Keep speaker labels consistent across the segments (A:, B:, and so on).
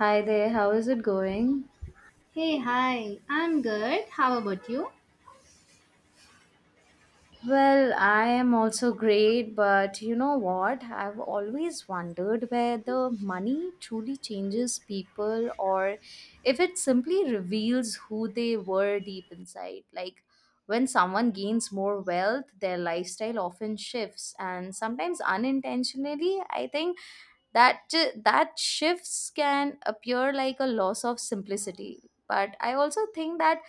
A: Hi there, how is it going?
B: Hey, hi. I'm good. How about you?
A: Well, I am also great, but you know what? I've always wondered whether money truly changes people or if it simply reveals who they were deep inside. Like when someone gains more wealth, their lifestyle often shifts, and sometimes unintentionally, I think that shifts can appear like a loss of simplicity, but I also think that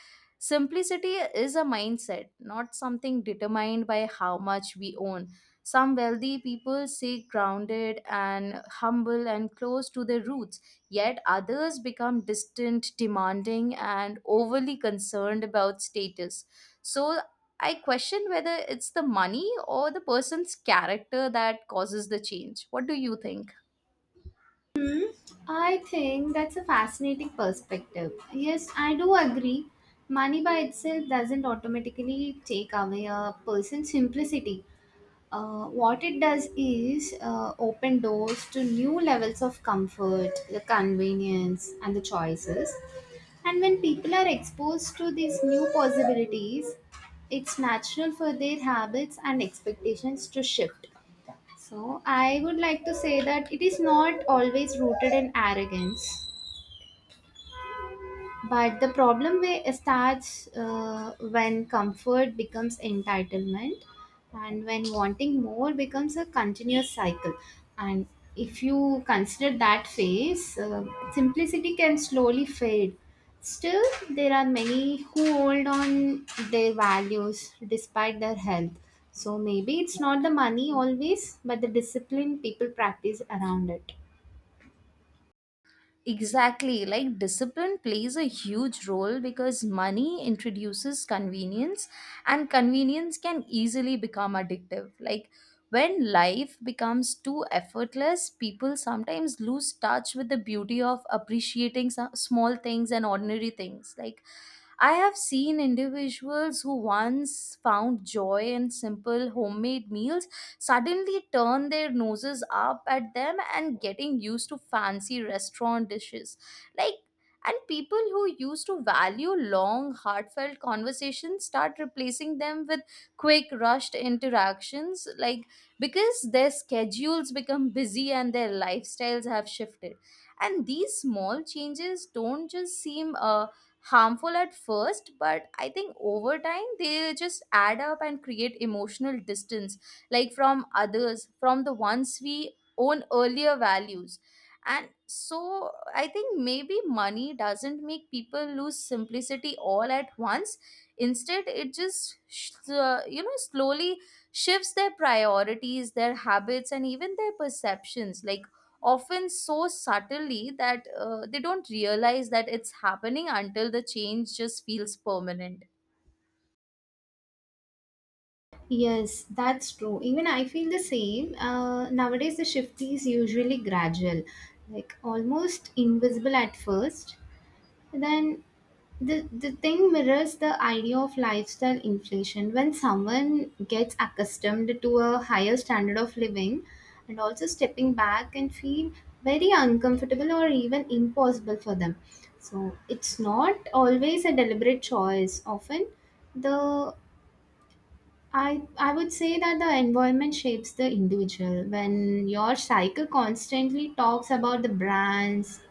A: simplicity is a mindset, not something determined by how much we own. Some wealthy people stay grounded and humble and close to their roots, yet others become distant, demanding, and overly concerned about status. So I question whether it's the money or the person's character that causes the change. What do you think?
B: I think that's a fascinating perspective. Yes, I do agree. Money by itself doesn't automatically take away a person's simplicity. What it does is open doors to new levels of comfort, the convenience, and the choices. And when people are exposed to these new possibilities, it's natural for their habits and expectations to shift. So, I would like to say that it is not always rooted in arrogance. But the problem way starts when comfort becomes entitlement and when wanting more becomes a continuous cycle. And if you consider that phase, simplicity can slowly fade. Still, there are many who hold on their values despite their health. So maybe it's not the money always, but the discipline people practice around it.
A: Exactly. Like discipline plays a huge role because money introduces convenience, and convenience can easily become addictive. Like when life becomes too effortless, people sometimes lose touch with the beauty of appreciating some small things and ordinary things. Like I have seen individuals who once found joy in simple homemade meals suddenly turn their noses up at them and getting used to fancy restaurant dishes. Like, and people who used to value long, heartfelt conversations start replacing them with quick, rushed interactions, like because their schedules become busy and their lifestyles have shifted. And these small changes don't just seem harmful at first, but I think over time they just add up and create emotional distance, like from others, from the ones we own earlier values. And so I think maybe money doesn't make people lose simplicity all at once. Instead it just slowly shifts their priorities, their habits, and even their perceptions, like often so subtly that they don't realize that it's happening until the change just feels permanent.
B: Yes, that's true. Even I feel the same. Nowadays, the shift is usually gradual, like almost invisible at first. Then the thing mirrors the idea of lifestyle inflation. When someone gets accustomed to a higher standard of living and also stepping back and feel very uncomfortable or even impossible for them. So it's not always a deliberate choice. Often the I would say that the environment shapes the individual. When your cycle constantly talks about the brands,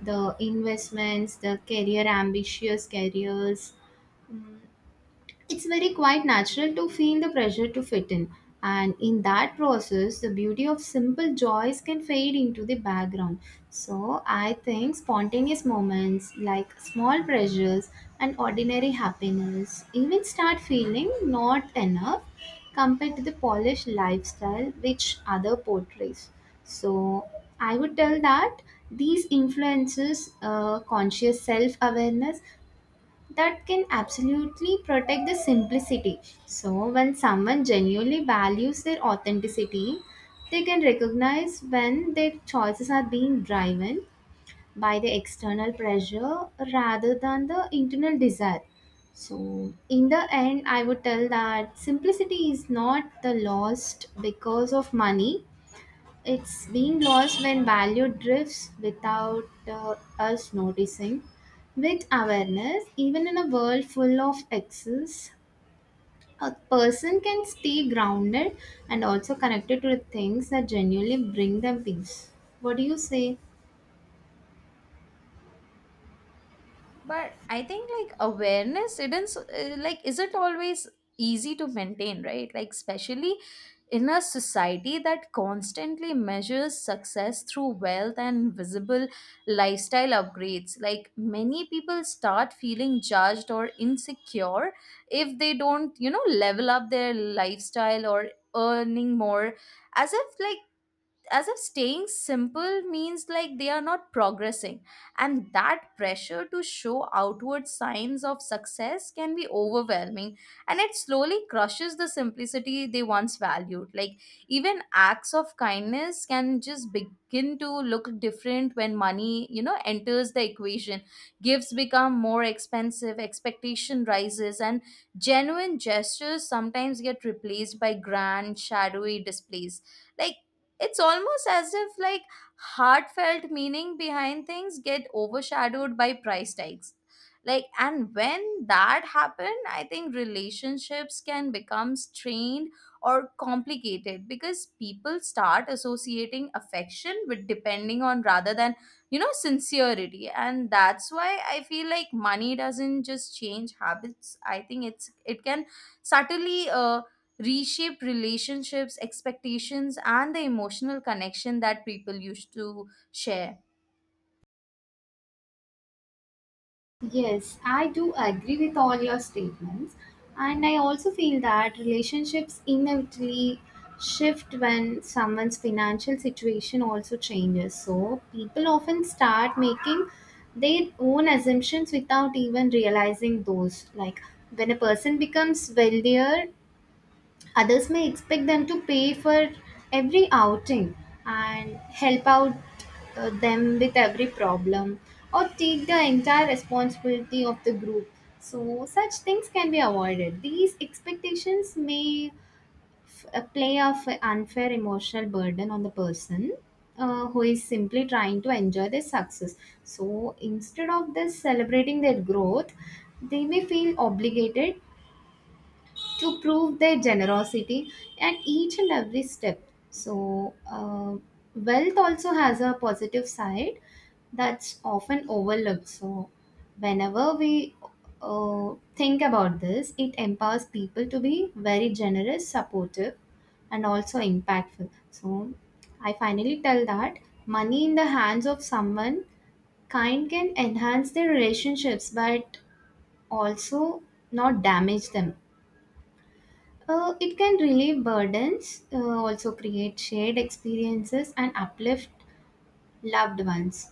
B: the investments, the career ambitious careers, it's very quite natural to feel the pressure to fit in, and in that process, the beauty of simple joys can fade into the background. So, I think spontaneous moments like small pleasures and ordinary happiness even start feeling not enough compared to the polished lifestyle which other portrays. So, I would tell that these influences conscious self awareness that can absolutely protect the simplicity. So, when someone genuinely values their authenticity, they can recognize when their choices are being driven by the external pressure rather than the internal desire. So, in the end, I would tell that simplicity is not the lost because of money, it's being lost when value drifts without us noticing. With awareness, even in a world full of excess, a person can stay grounded and also connected to the things that genuinely bring them peace. What do you say?
A: But I think like awareness isn't isn't always easy to maintain, right? Like especially in a society that constantly measures success through wealth and visible lifestyle upgrades, like many people start feeling judged or insecure if they don't level up their lifestyle or earning more, as if like as if staying simple means like they are not progressing, and that pressure to show outward signs of success can be overwhelming, and it slowly crushes the simplicity they once valued. Like even acts of kindness can just begin to look different when money enters the equation. Gifts become more expensive, expectation rises, and genuine gestures sometimes get replaced by grand, shadowy displays. Like it's almost as if like heartfelt meaning behind things get overshadowed by price tags. Like and when that happen, I think relationships can become strained or complicated because people start associating affection with depending on rather than sincerity. And that's why I feel like money doesn't just change habits. I think it can subtly reshape relationships, expectations, and the emotional connection that people used to share.
B: Yes, I do agree with all your statements. And I also feel that relationships inevitably shift when someone's financial situation also changes. So people often start making their own assumptions without even realizing those. Like when a person becomes wealthier, others may expect them to pay for every outing and help out them with every problem or take the entire responsibility of the group. So, such things can be avoided. These expectations may play a unfair emotional burden on the person who is simply trying to enjoy their success. So, instead of this celebrating their growth, they may feel obligated to prove their generosity at each and every step. So, wealth also has a positive side that's often overlooked. So, whenever we think about this, it empowers people to be very generous, supportive, and also impactful. So, I finally tell that money in the hands of someone kind can enhance their relationships but also not damage them, it can relieve burdens, also create shared experiences, and uplift loved ones.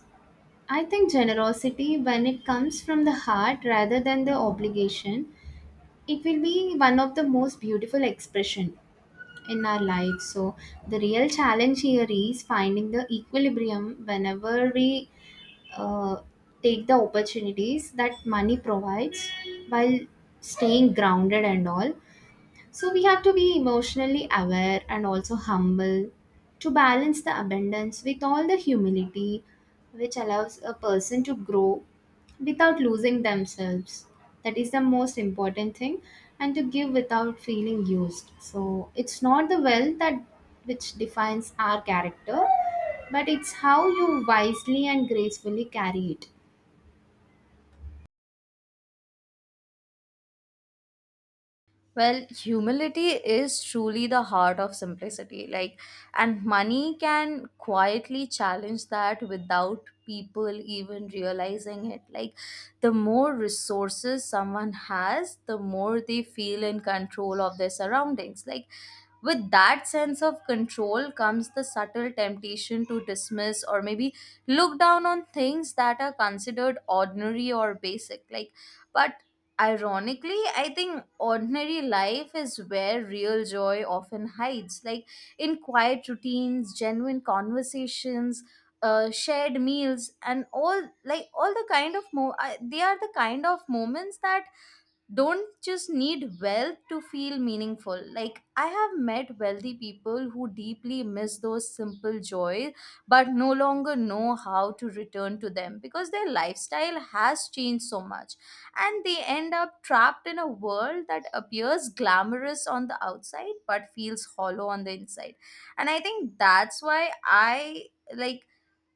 B: I think generosity, when it comes from the heart rather than the obligation, it will be one of the most beautiful expression in our life. So the real challenge here is finding the equilibrium whenever we uh, take the opportunities that money provides while staying grounded and all, so we have to be emotionally aware and also humble to balance the abundance with all the humility which allows a person to grow without losing themselves. That is the most important thing, and to give without feeling used. So it's not the wealth that which defines our character, but it's how you wisely and gracefully carry it.
A: Well, humility is truly the heart of simplicity. Like, and money can quietly challenge that without people even realizing it. Like, the more resources someone has, the more they feel in control of their surroundings. Like, with that sense of control comes the subtle temptation to dismiss or maybe look down on things that are considered ordinary or basic. Like, but ironically, I think ordinary life is where real joy often hides, like in quiet routines, genuine conversations, shared meals, and all, like all the kind of they are the kind of moments that don't just need wealth to feel meaningful. Like I have met wealthy people who deeply miss those simple joys but no longer know how to return to them because their lifestyle has changed so much, and they end up trapped in a world that appears glamorous on the outside but feels hollow on the inside. And I think that's why I like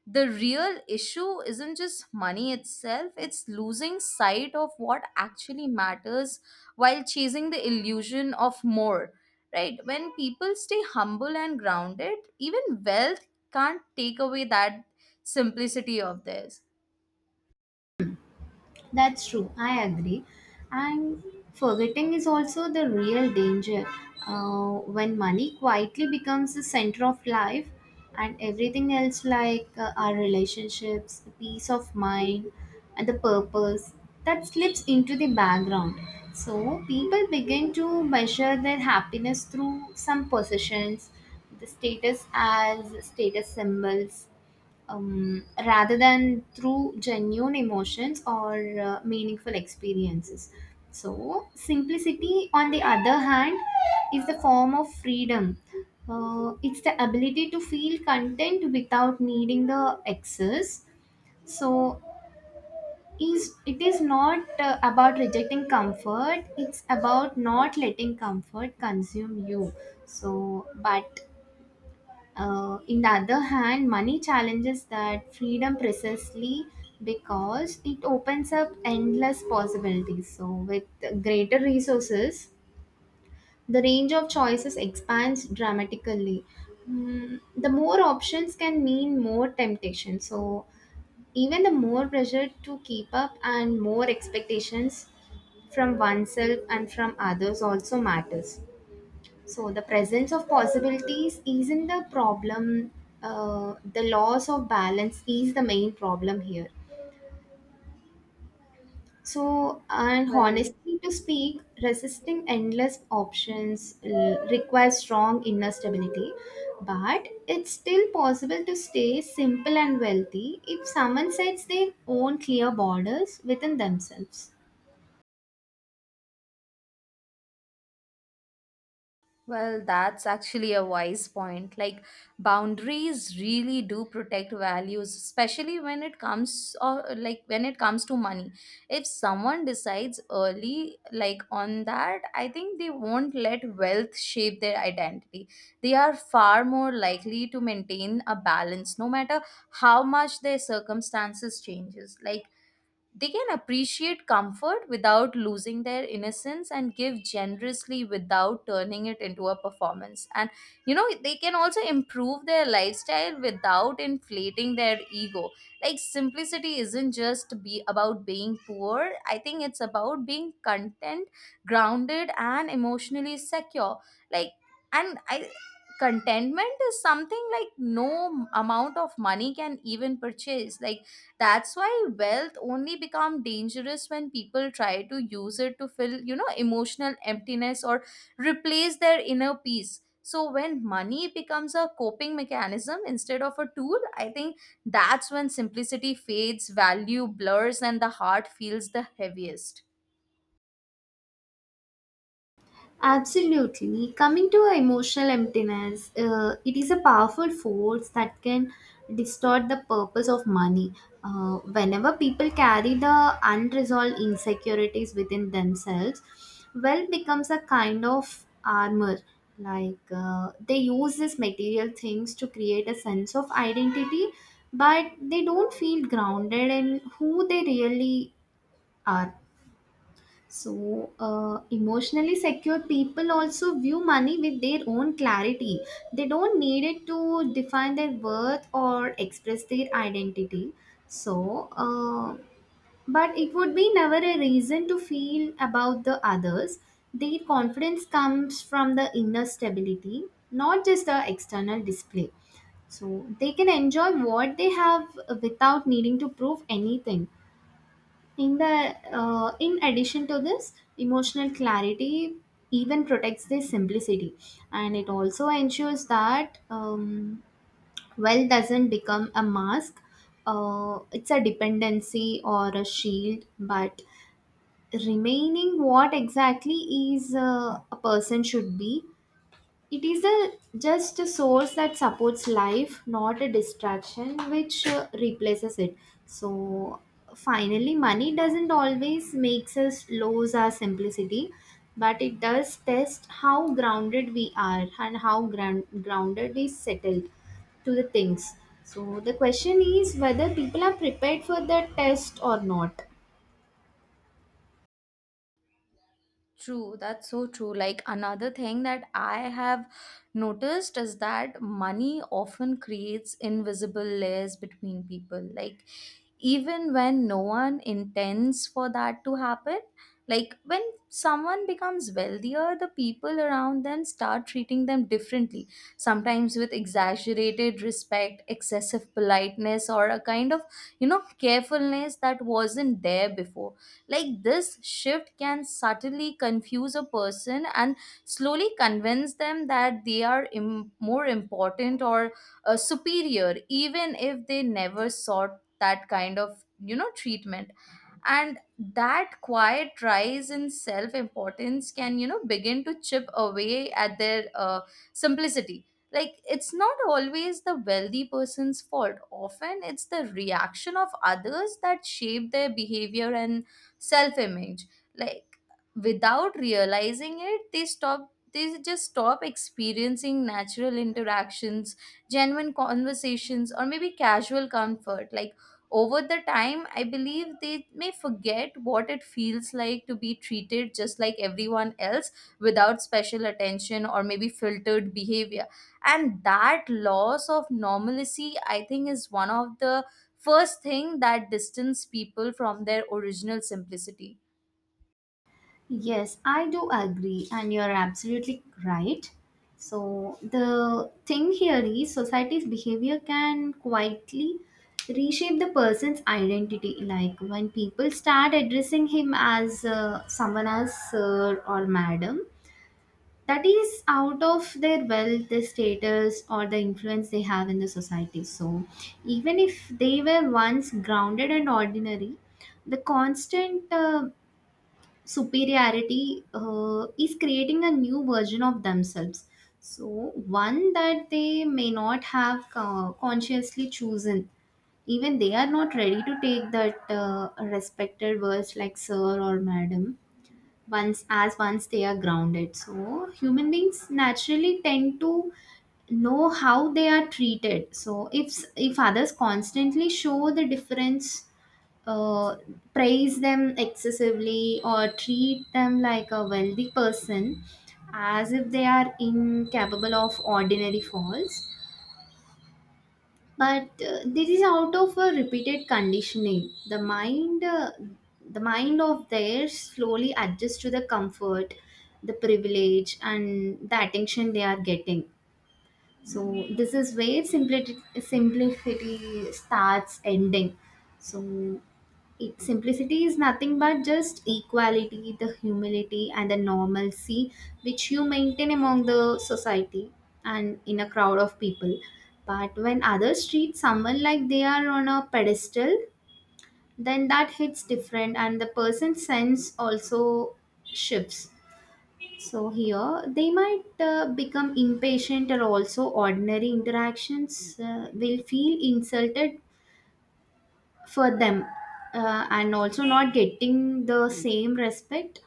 A: the real issue isn't just money itself, it's losing sight of what actually matters while chasing the illusion of more, right? When people stay humble and grounded, even wealth can't take away that simplicity of theirs.
B: That's true, I agree. And forgetting is also the real danger. When money quietly becomes the center of life and everything else, like our relationships, the peace of mind, and the purpose, that slips into the background. So, people begin to measure their happiness through some possessions, the status as status symbols, rather than through genuine emotions or meaningful experiences. So, simplicity, on the other hand, is the form of freedom. It's the ability to feel content without needing the excess. So, is it is not about rejecting comfort. It's about not letting comfort consume you. So, but in the other hand, money challenges that freedom precisely because it opens up endless possibilities. So, with greater resources, the range of choices expands dramatically. Mm, the more options can mean more temptation. So, even the more pressure to keep up and more expectations from oneself and from others also matters. So the presence of possibilities isn't the problem. The loss of balance is the main problem here. So, and
A: Well,
B: honestly to speak, resisting endless options requires strong inner stability, but it's still possible to stay simple and wealthy if someone sets their own clear borders within themselves.
A: well, that's actually a wise point. Like, boundaries really do protect values, especially when it comes or like when it comes to money. If someone decides early, like on that, I think they won't let wealth shape their identity. They are far more likely to maintain a balance, no matter how much their circumstances changes. Like they can appreciate comfort without losing their innocence and give generously without turning it into a performance. And you know, they can also improve their lifestyle without inflating their ego. Like, simplicity isn't just be about being poor, I think it's about being content, grounded, and emotionally secure. Like, and I contentment is something like no amount of money can even purchase, like that's why wealth only become dangerous when people try to use it to fill, you know, emotional emptiness or replace their inner peace. So when money becomes a coping mechanism instead of a tool, I think that's when simplicity fades, value blurs, and the heart feels the heaviest.
B: Absolutely. Coming to emotional emptiness, it is a powerful force that can distort the purpose of money. Whenever people carry the unresolved insecurities within themselves, wealth becomes a kind of armor. Like they use these material things to create a sense of identity, but they don't feel grounded in who they really are. So, emotionally secure people also view money with their own clarity. They don't need it to define their worth or express their identity. So, but it would be never a reason to feel about the others. Their confidence comes from the inner stability, not just the external display. So, they can enjoy what they have without needing to prove anything in the in addition to this, emotional clarity even protects their simplicity, and it also ensures that wealth doesn't become a mask. It's a dependency or a shield, but remaining what exactly is a person should be, it is a just a source that supports life, not a distraction which replaces it. So finally money doesn't always makes us lose our simplicity, but it does test how grounded we are and how grounded we settle to the things. So the question is whether people are prepared for the test or not.
A: True, that's so true. Like another thing that I have noticed is that money often creates invisible layers between people. Like even when no one intends for that to happen, like when someone becomes wealthier, the people around them start treating them differently, sometimes with exaggerated respect, excessive politeness, or a kind of, you know, carefulness that wasn't there before. Like this shift can subtly confuse a person and slowly convince them that they are more important or superior, even if they never sought that kind of treatment. And that quiet rise in self importance can begin to chip away at their simplicity. Like it's not always the wealthy person's fault, often it's the reaction of others that shape their behavior and self image. Like without realizing it, they just stop experiencing natural interactions, genuine conversations, or maybe casual comfort. Like over the time, I believe they may forget what it feels like to be treated just like everyone else without special attention or maybe filtered behavior. And that loss of normalcy, I think, is one of the first thing that distance people from their original simplicity.
B: Yes, I do agree, and you're absolutely right. So, the thing here is society's behavior can quietly reshape the person's identity. Like when people start addressing him as someone as sir or madam, that is out of their wealth, their status, or the influence they have in the society. So, even if they were once grounded and ordinary, the constant superiority is creating a new version of themselves, so one that they may not have consciously chosen, even they are not ready to take that respected words like sir or madam once as once they are grounded. So human beings naturally tend to know how they are treated. So if others constantly show the difference, uh, praise them excessively or treat them like a wealthy person as if they are incapable of ordinary faults. But this is out of a repeated conditioning. The mind of theirs slowly adjusts to the comfort, the privilege, and the attention they are getting. So this is where simplicity starts ending. So it, simplicity is nothing but just equality, the humility, and the normalcy which you maintain among the society and in a crowd of people. But when others treat someone like they are on a pedestal, then that hits different, and the person's sense also shifts. So here they might become impatient or also ordinary interactions will feel insulted for them, and also not getting the same respect.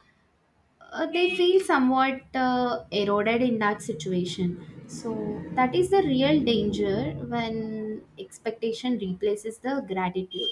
B: They feel somewhat eroded in that situation. So that is the real danger when expectation replaces the gratitude.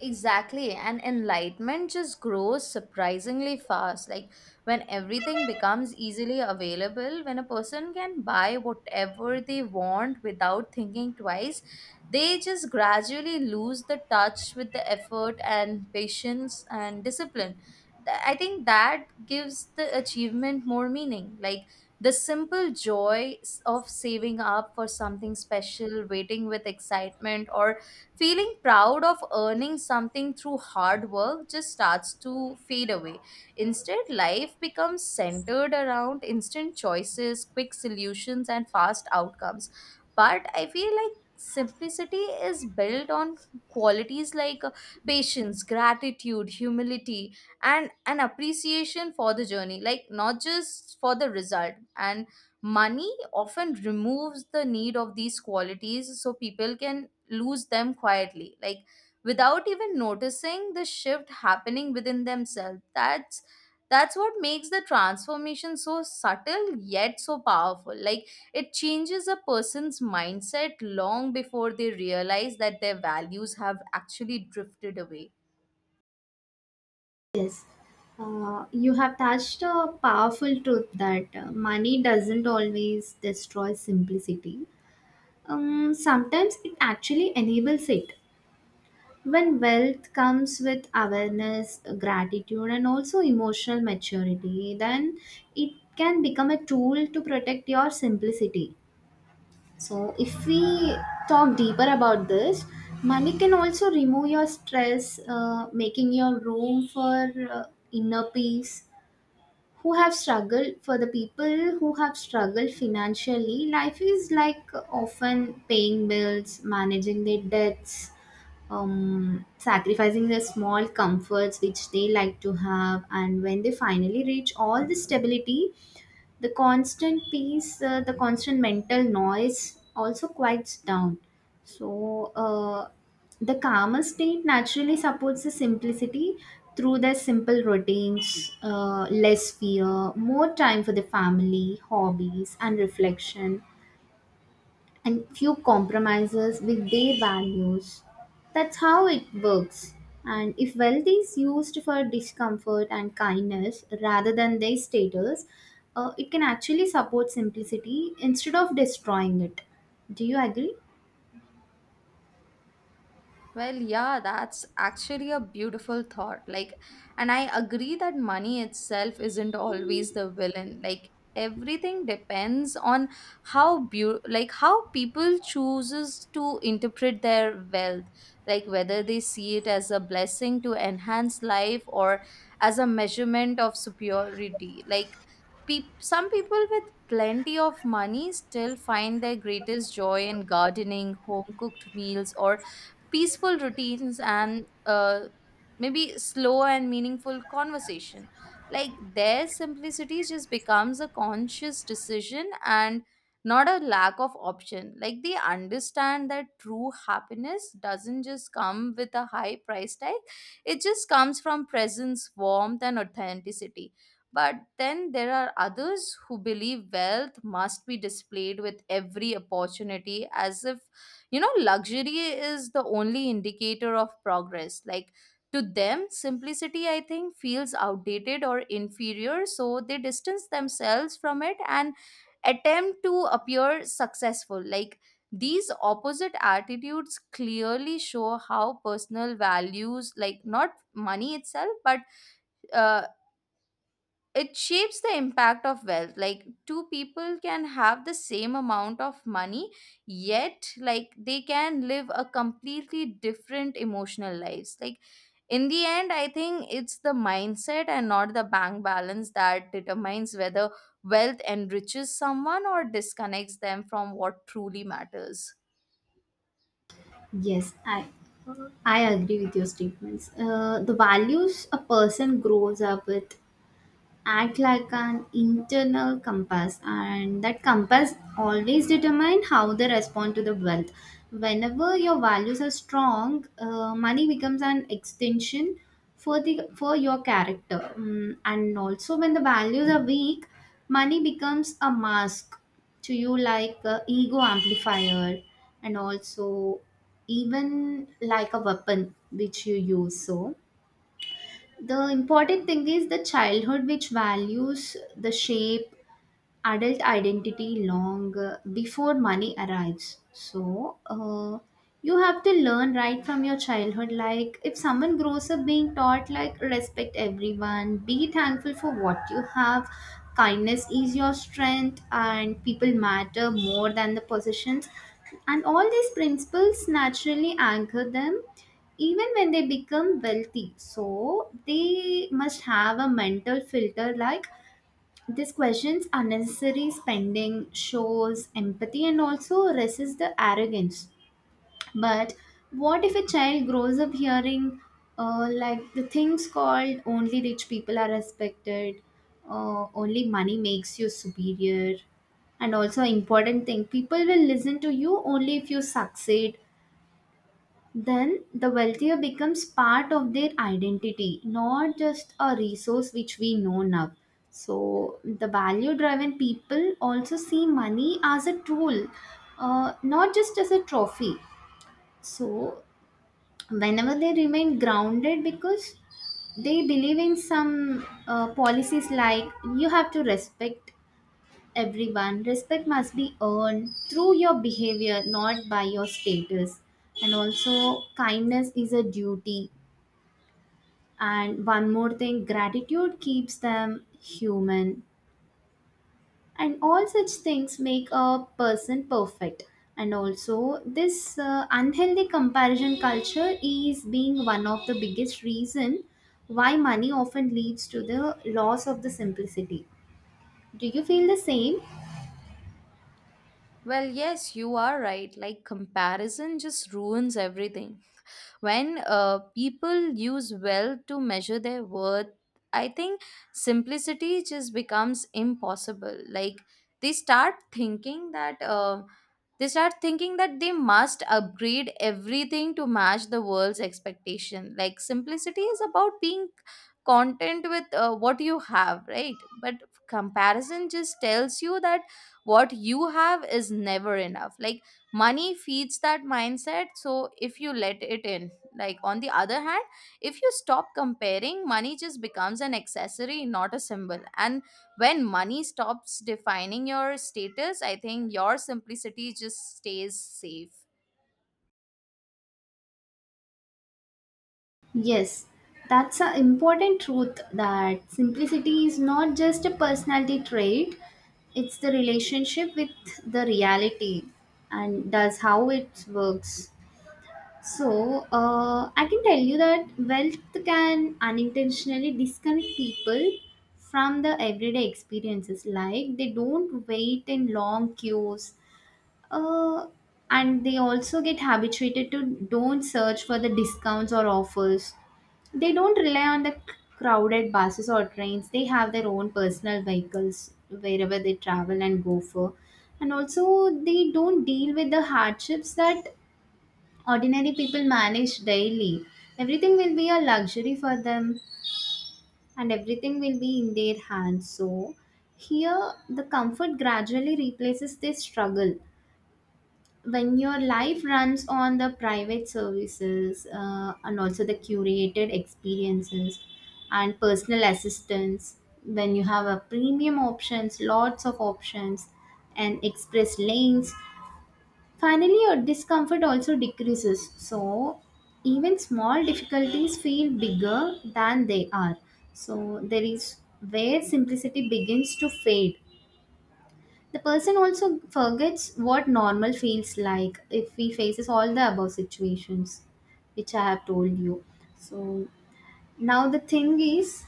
A: Exactly. And enlightenment just grows surprisingly fast. Like when everything becomes easily available, when a person can buy whatever they want without thinking twice, they just gradually lose the touch with the effort and patience and discipline. I think that gives the achievement more meaning. Like the simple of saving up for something special, waiting with excitement, or feeling proud of earning something through hard work just starts to fade away. Instead, life becomes centered around instant choices, quick solutions, and fast outcomes. But I feel like simplicity is built on qualities like patience, gratitude, humility, and an appreciation for the journey, like not just for the result. And money often removes the need of these qualities, so people can lose them quietly, like without even noticing the shift happening within themselves. That's what makes the transformation so subtle yet so powerful, like it changes a person's mindset long before they realize that their values have actually drifted away.
B: Yes. You have touched a powerful truth that money doesn't always destroy simplicity. Sometimes it actually enables it. When wealth comes with awareness, gratitude, and also emotional maturity, then it can become a tool to protect your simplicity. So, if we talk deeper about this, money can also remove your stress, making your room for inner peace. Who have struggled for the people who have struggled financially, life is like often paying bills, managing their debts, sacrificing the small comforts which they like to have, and when they finally reach all the stability, the constant peace, the constant mental noise also quiets down. So, the calmer state naturally supports the simplicity through their simple routines, less fear, more time for the family, hobbies, and reflection and few compromises with their values. That's how it works. And if wealth is used for discomfort and kindness rather than their status, it can actually support simplicity instead of destroying it. Do you agree?
A: Well, yeah, that's actually a beautiful thought. Like, and I agree that money itself isn't always the villain. Like, everything depends on how how people chooses to interpret their wealth. Like, whether they see it as a blessing to enhance life or as a measurement of superiority. Like, peop some people with plenty of money still find their greatest joy in gardening, home cooked meals, or peaceful routines and maybe slow and meaningful conversation. Like their simplicity just becomes a conscious decision and not a lack of option. Like they understand that true happiness doesn't just come with a high price tag, it just comes from presence, warmth, and authenticity. But then there are others who believe wealth must be displayed with every opportunity, as if you know, luxury is the only indicator of progress. Like, to them, simplicity, I think, feels outdated or inferior, so they distance themselves from it and attempt to appear successful. Like, these opposite attitudes clearly show how personal values, like not money itself, but uh, it shapes the impact of wealth. Like two people can have the same amount of money, yet like they can live a completely different emotional lives. Like in the end, I think it's the mindset and not the bank balance that determines whether wealth enriches someone or disconnects them from what truly matters.
B: Yes, I agree with your statements. The values a person grows up with act like an internal compass, and that compass always determine how they respond to the wealth. Whenever your values are strong, money becomes an extension for your character. Mm, and also when the values are weak, money becomes a mask to you, like a ego amplifier, and also even like a weapon which you use. So the important thing is the childhood which values the shape adult identity long before money arrives. So, you have to learn right from your childhood. Like, if someone grows up being taught, like, respect everyone, be thankful for what you have, kindness is your strength, and people matter more than the possessions. And all these principles naturally anchor them even when they become wealthy, so they must have a mental filter, like, these questions unnecessary spending, shows empathy, and also resists the arrogance. But what if a child grows up hearing like the things called only rich people are respected, only money makes you superior, and also important thing, people will listen to you only if you succeed, then the wealthier becomes part of their identity, not just a resource which we know now. So the value driven people also see money as a tool, not just as a trophy. So whenever they remain grounded because they believe in some policies, like, you have to respect everyone. Respect must be earned through your behavior, not by your status. And also, kindness is a duty. And one more thing, gratitude keeps them human. And all such things make a person perfect. And also, this unhealthy comparison culture is being one of the biggest reason why money often leads to the loss of the simplicity. Do you feel the same?
A: Well yes, you are right, like comparison just ruins everything. When people use wealth to measure their worth, I think simplicity just becomes impossible. Like they start thinking that uh, they start thinking that they must upgrade everything to match the world's expectation. Like simplicity is about being content with what you have, right? But comparison just tells you that what you have is never enough. Like money feeds that mindset, so if you let it in. Like, on the other hand, if you stop comparing, money just becomes an accessory, not a symbol. And when money stops defining your status, I think your simplicity just stays safe.
B: Yes, that's an important truth that simplicity is not just a personality trait, it's the relationship with the reality, and does how it works. So, I can tell you that wealth can unintentionally disconnect people from the everyday experiences. Like, they don't wait in long queues, uh, and they also get habituated to don't search for the discounts or offers. They don't rely on the crowded buses or trains. They have their own personal vehicles wherever they travel and go for. And also, they don't deal with the hardships that ordinary people manage daily. Everything will be a luxury for them, and everything will be in their hands. So, here, the comfort gradually replaces this struggle. When your life runs on the private services and also the curated experiences and personal assistance, when you have a premium options, lots of options, and express lanes, finally your discomfort also decreases. So even small difficulties feel bigger than they are. So there is where simplicity begins to fade. The person also forgets what normal feels like if he faces all the above situations, which I have told you. So now the thing is,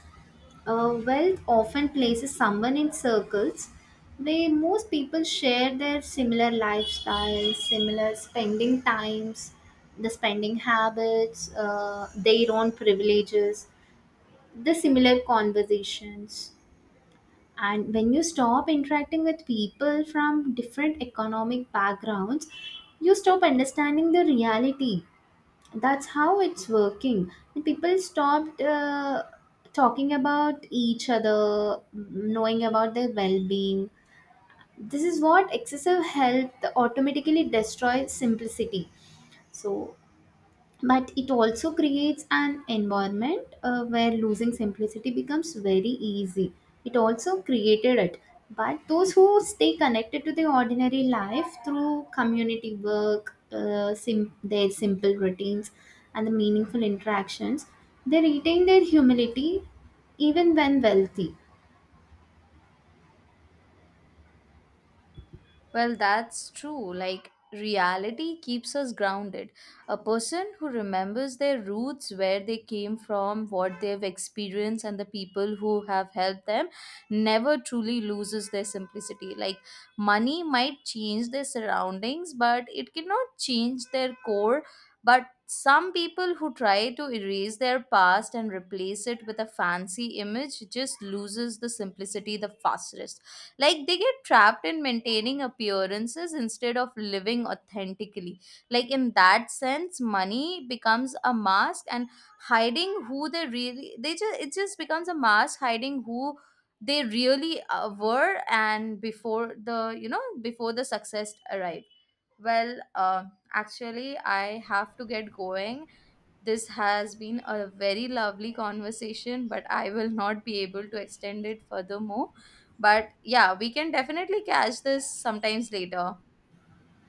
B: wealth often places someone in circles where most people share their similar lifestyles, similar spending times, the spending habits, their own privileges, the similar conversations. And when you stop interacting with people from different economic backgrounds, you stop understanding the reality. That's how it's working, and people stopped talking about each other, knowing about their well-being. This is what excessive health automatically destroys simplicity. So, but it also creates an environment where losing simplicity becomes very easy. It also created it. But those who stay connected to the ordinary life through community work, their simple routines and the meaningful interactions, they retain their humility even when wealthy.
A: Well, that's true. Like, reality keeps us grounded. A person who remembers their roots, where they came from, what they've experienced, and the people who have helped them never truly loses their simplicity. Like, money might change their surroundings, but it cannot change their core. But some people who try to erase their past and replace it with a fancy image just loses the simplicity the fastest. Like they get trapped in maintaining appearances instead of living authentically. Like in that sense money becomes a mask and hiding who they really they just it just becomes a mask hiding who they really were and before the before the success arrived. Well actually I have to get going. This has been a very lovely conversation, but I will not be able to extend it furthermore. But yeah, we can definitely catch this sometimes later.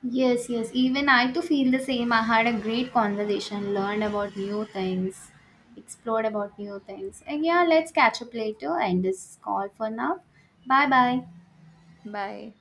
B: Yes, yes. Even I too feel the same. I had a great conversation, learned about new things, explored about new things. And yeah, let's catch up later and this call for now. Bye bye.
A: Bye.